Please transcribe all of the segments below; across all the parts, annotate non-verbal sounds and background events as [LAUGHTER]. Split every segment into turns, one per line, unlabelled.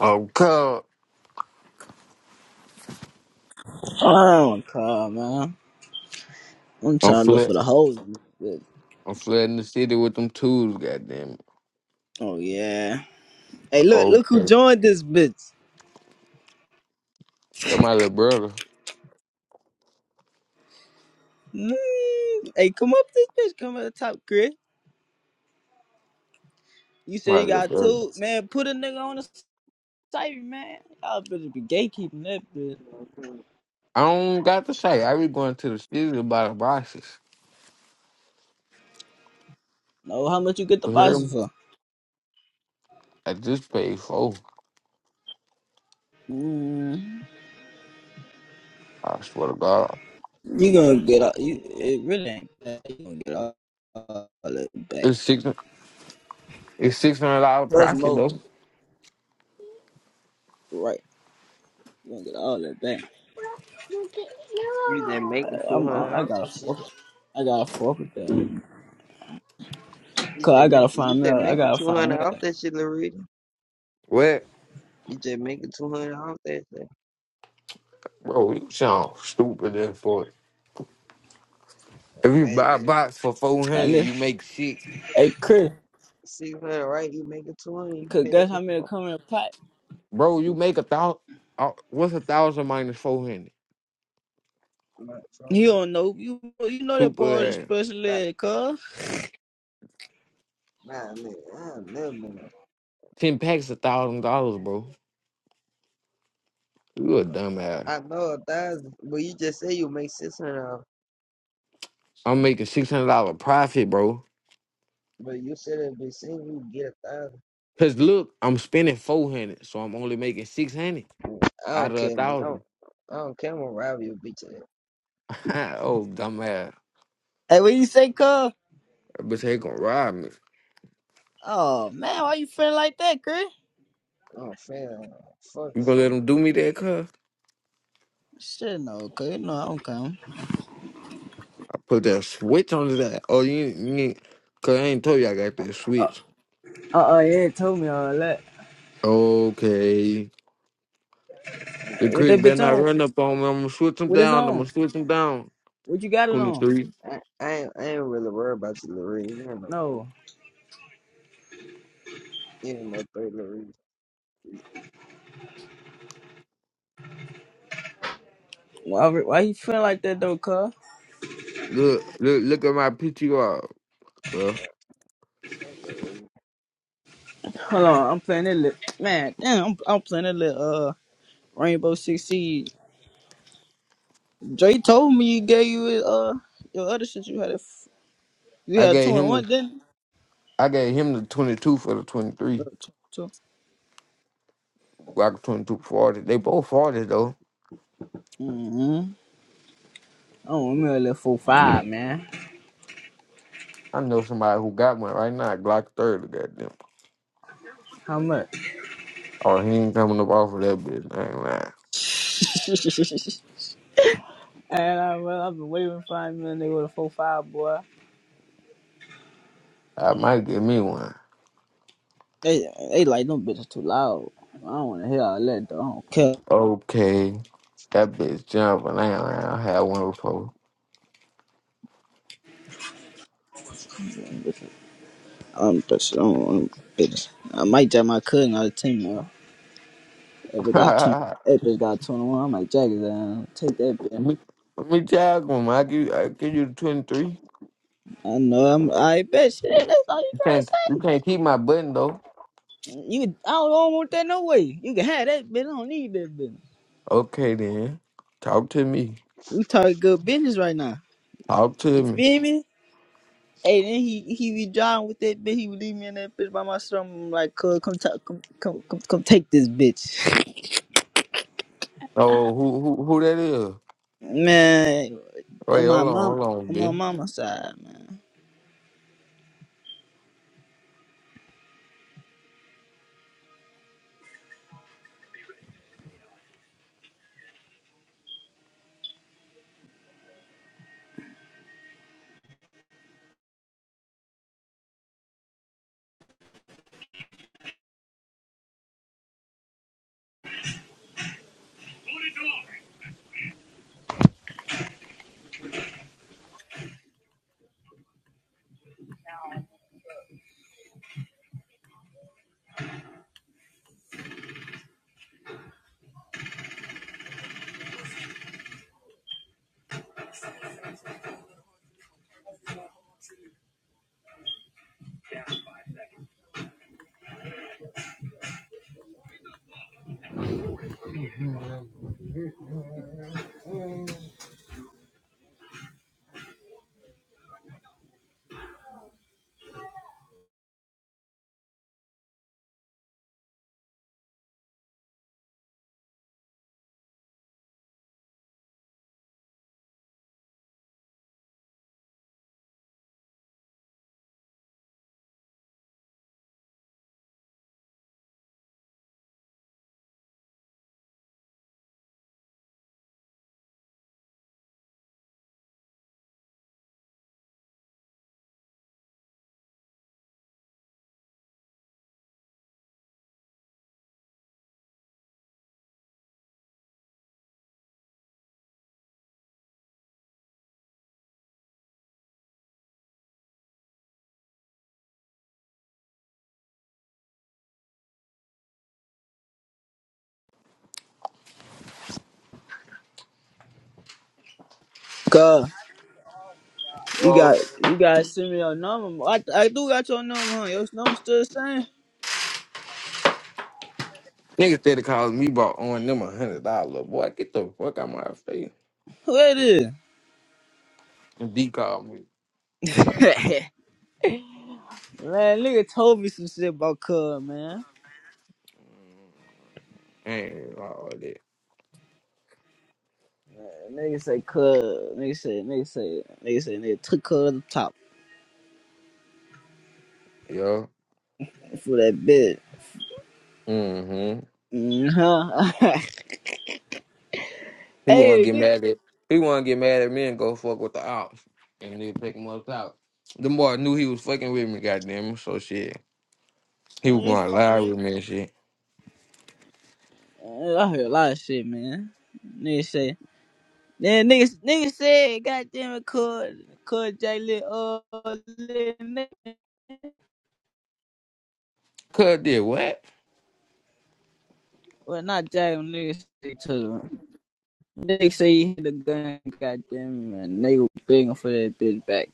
Oh, God.
I do Oh, God, man. I'm
I'm
trying to look
flat.
for the hoes, in this bitch.
I'm flat in the city with them tools, goddamn.
Oh, yeah. Hey, look, look who
Okay.
joined this bitch.
That's my little brother.
Mm, hey, come up this bitch. Come at the top, Chris. You said
My
you
little
got
brother.
two. Man, put a nigga on the site, man. Y'all better be gatekeeping that bitch.
I don't got to say. I be going to the city to buy the boxes.
Know how much you get the
You hear
boxes
me?
for.
I just paid four.
Mm,
I swear to God.
you gonna get all, you, it really ain't bad. You gonna get all, all that back.
It's six. It's six hundred dollar
Plus
profit
more.
though.
Right. You gonna get all that back.
You just
I,
making two
I'm,
hundred
I, I
off
gotta
that shit.
fuck I gotta fuck with that.
You
Cause
just
I
make
gotta
you
find me.
just
I
making
gotta
two
find me.
hundred off that shit, Larita.
What,
You just making two hundred off that shit.
bro? You sound stupid then for it. If you buy a
Imagine
box for four hundred,
And
you
if,
make six.
hey, Chris,
six hundred, right? You making two hundred, you
cause
pay that
guess how many
before.
come in the pot?
Bro, you make a thousand. What's a thousand minus four hundred?
Not so
You
much.
don't know. You you know that
Stupid
boy is a
ass.
special
about
ed, cuz.
nine nigga. I ain't never been on.
Ten packs a thousand dollars, bro. You a dumbass.
I know a thousand, but you just say you make six hundred off.
I'm making six hundred dollar profit, bro.
But you said it be saying you get a thousand.
Cause look, I'm spending four hundred, so I'm only making six hundred
I
out
don't
of a
care, man. I don't,
thousand.
I don't care. I'm gonna rob you, bitch. ass.
[LAUGHS] oh, dumbass.
Hey, what you say, cuz?
That bitch ain't gonna rob me.
Oh man, why you feeling like that, Chris?
I don't fair. Fuck
You
that.
gonna let them do me that, cuz?
Shit, no, cuz you know I don't come.
I put that switch on that. Oh, you, ain't- you ain't, cuz I ain't told you I got that switch.
Uh uh yeah, it told me all that.
Okay.
I ain't got
The
What
Chris
that
no
better
bitch
not
on?
run up on me. I'm gonna switch them
What it's
down. I'm gonna
on?
switch them down.
What you got it on?
23.
fuck- I, I ain't, I ain't really worried about you, Larita. You don't know.
No.
You know, third
Why why you feeling like that though, cuz?
Look, look, look at my PTR, cuz.
reason.
Hold on, I'm playing that little man. Damn, I'm I'm playing that little uh Rainbow Six Siege. Dre told me you gave you uh your other shit. You had a f- you
I
had
gave
two and
him,
one,
a-
didn't?
I gave him the 22 for the
You?
23.
Uh, Two. two.
Glock twenty two forty, They both forty though.
Mm-hmm. I want me a little four five, man.
I know somebody who got one right now, Glock 30, goddamn.
How much?
Oh, he ain't coming up off of that bitch. I ain't lying.
[LAUGHS] and I, well, I've been waiting for a minute. They were a four five boy.
I might get me one.
They they like them bitches too loud. I don't want to hear all that though. I don't care.
Okay. That bitch jumping. I ain't lying. I had one before.
Them bitches- I'm bitches. I don't want them bitches. I might jack my cousin out of the team though. If it got two,
[LAUGHS]
if it got two and one, I might jack his ass. Take that bitch.
me, me tag one. I give, I give you the 23.
I know. I'm, I bet shit. That's all you
You
gotta
can't, you
say.
can't keep my button though.
You, I don't, I don't want that no way. You can have that bitch. I don't need that bitch.
Okay then. Talk to me.
We talking good business right now.
Talk to
You
me.
feel me? Hey, then he he be driving with that bitch. He would leave me in that bitch by myself. I'm like, cuz, come, ta- come, come, come, come, take this bitch,
Oh, who, who, who that is?
[LAUGHS] man.
Wait,
On my
hold on,
mom,
hold on,
on my
bitch.
mama's side, man. Cuz, you
Oh.
got, you gotta send me your number. I, I do got your number, huh? Your number still the same?
Niggas steady calling me about owing them a hundred dollar. Boy, get the fuck out my face.
Who it
And D called me
is? [LAUGHS] Man, nigga told me some shit about Cub, man.
and all that.
Nigga say Cub. Nigga say, nigga say, nigga say, nigga took Cub to the top
Yo.
for that bit.
Mm-hmm.
Mm-huh. [LAUGHS]
He wanna
hey,
get
nigga.
mad at he wanna get mad at me and go fuck with the ops. And they pick him up out. The boy knew he was fucking with me, goddamn it, so shit. He
I
was
ain't
gonna
fuck-
lie with me and shit.
Man, I heard a lot of shit, man. Nigga say, then nigga, nigga said, goddamn it, Cub, Cub J Lit, uh, Lil nigga.
Cut did what?
Well, not J, nigga say to him. Nigga say he hit the gun, goddamn it, man. Nigga begging for that bitch back.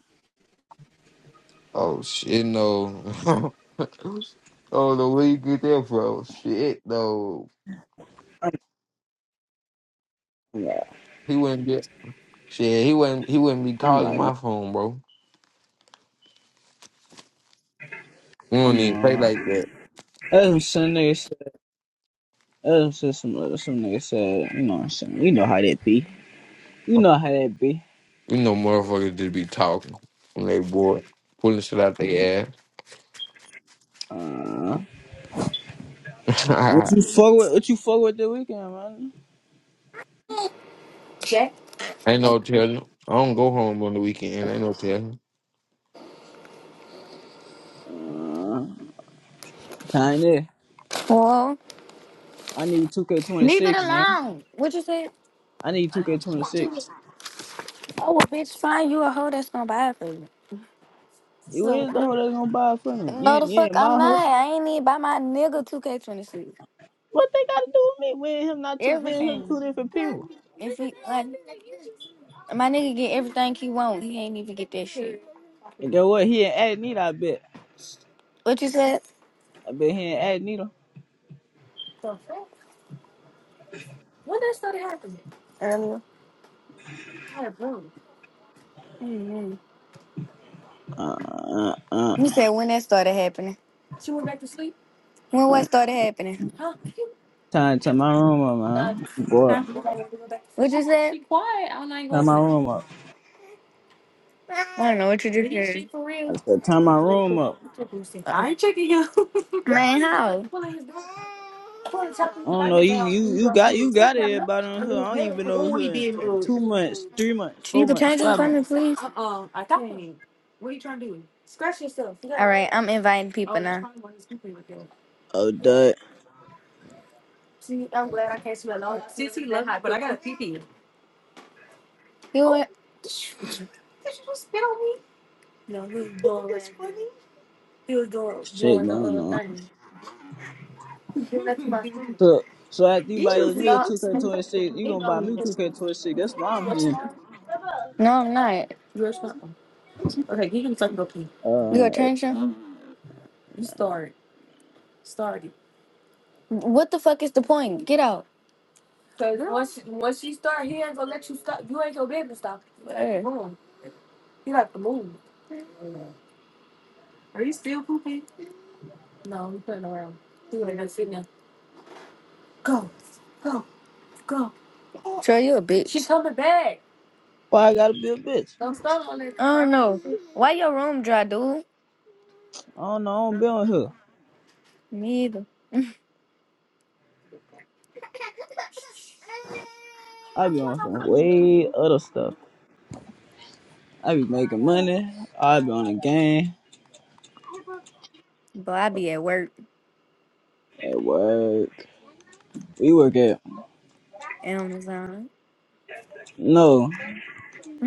Oh shit no. [LAUGHS] oh the way you get that from shit though.
I'm like,
He wouldn't get shit, he wouldn't he wouldn't be
I'm
calling
like, no,
my phone, bro. We don't
I'm
even
wrong.
play like that.
That's what some nigga said. That's what some, some other- some nigga said. You know what I'm saying? You know how that be. You know how that be.
We know motherfuckers just be talking when they bored, pulling shit out their
Uh, what
ass.
you fuck with? What you fuck with the weekend, man?
Jack.
[LAUGHS] ain't no telling. I don't go home on the weekend. Ain't no telling.
Uh, time there.
Well,
I need 2K26.
leave it alone. What you say?
I need 2K26.
Oh, well, bitch, find you a hoe that's gonna buy it for you.
You
So,
is the hoe that's gonna buy it for me? Yeah.
no, the fuck, I'm not. I ain't need buy my nigga 2K26.
What they gotta do with me? We and him not two. Me and him
Everything.
two different people.
If he, like, my nigga get everything he want, he ain't even get that shit.
And guess what? He ain't add neither. I bet.
What you said
I bet he ain't add neither.
The When that started happening? earlier? I had bro. Mm-hmm.
Uh, uh, uh.
You said when that started happening. She went back to sleep? When what started happening? Huh? [LAUGHS]
Time, turn my room up,
Huh?
man. Boy,
What'd you say? Be quiet. I'm not even go
turn
up
my
in
room up.
I don't know what you just Did you heard. for real?
I said, turn my room up.
I ain't checking you. [LAUGHS] Man, how? Oh,
I don't know. You you you got you got everybody on here. I've been over here
he did do
two
it.
months, three months,
Can
four
you could
months.
change your phone, please? Uh-uh, I can't. What are you trying to do? Scratch yourself. You gotta- All right, I'm inviting people Oh, now. probably one of these people right there.
Oh, that
See, I'm glad I can't smell all that. Since he left, but I got a pee pee. You know what? [LAUGHS] No, this is bull. He was doing
shit
doing the
going
other
on.
thing. [LAUGHS] That's my thing.
So so after you buy
Easy.
your shit, you gonna buy your toy shit. That's why I'm here.
No, I'm not. You Okay, you can fucking go pee. You got
Uh,
attention? You start. Started. What the fuck is the point? Get out. Cause once once she start, he ain't gonna let you stop. You ain't gonna be able to stop. Hey. move. He like to move. Are you still pooping? No, we playing around. He ain't gonna sit now. Go, go, go. Troy, you a She bitch. She's coming back.
why I gotta be a bitch?
Don't start on it. I don't know. Why your room dry, dude?
I don't know. I don't be on here.
Me either.
I be on some way other stuff. I be making money. I be on the game
But I be at work.
at work. We work at
Amazon.
no.
[LAUGHS]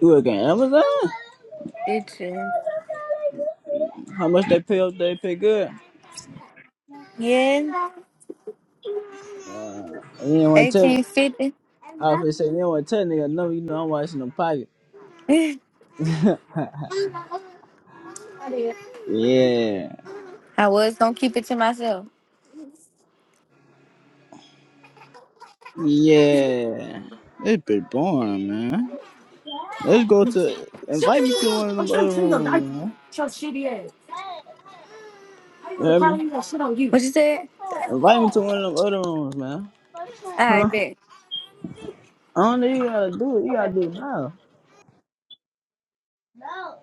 We work at Amazon.
Bitch.
How much they pay up? They pay good.
Yeah. Yeah.
And you don't want to tell.
Eighteen fifty.
I often say you don't want to tell nigga. No, you know I'm watching them pockets.
[LAUGHS] I did.
Yeah.
I was gonna keep it to myself.
Yeah. It's been boring, man. Let's go to
Shut
invite me
the
to one of
I'm
them
trying
other
to clean your diaper. Shut shitty ass. How you
you
gonna
hear
cry
me?
when you got shit on you? What you said?
Invite me to one of them other rooms, man. Huh?
I bet.
I don't know you gotta do it, you
Okay.
gotta do it now.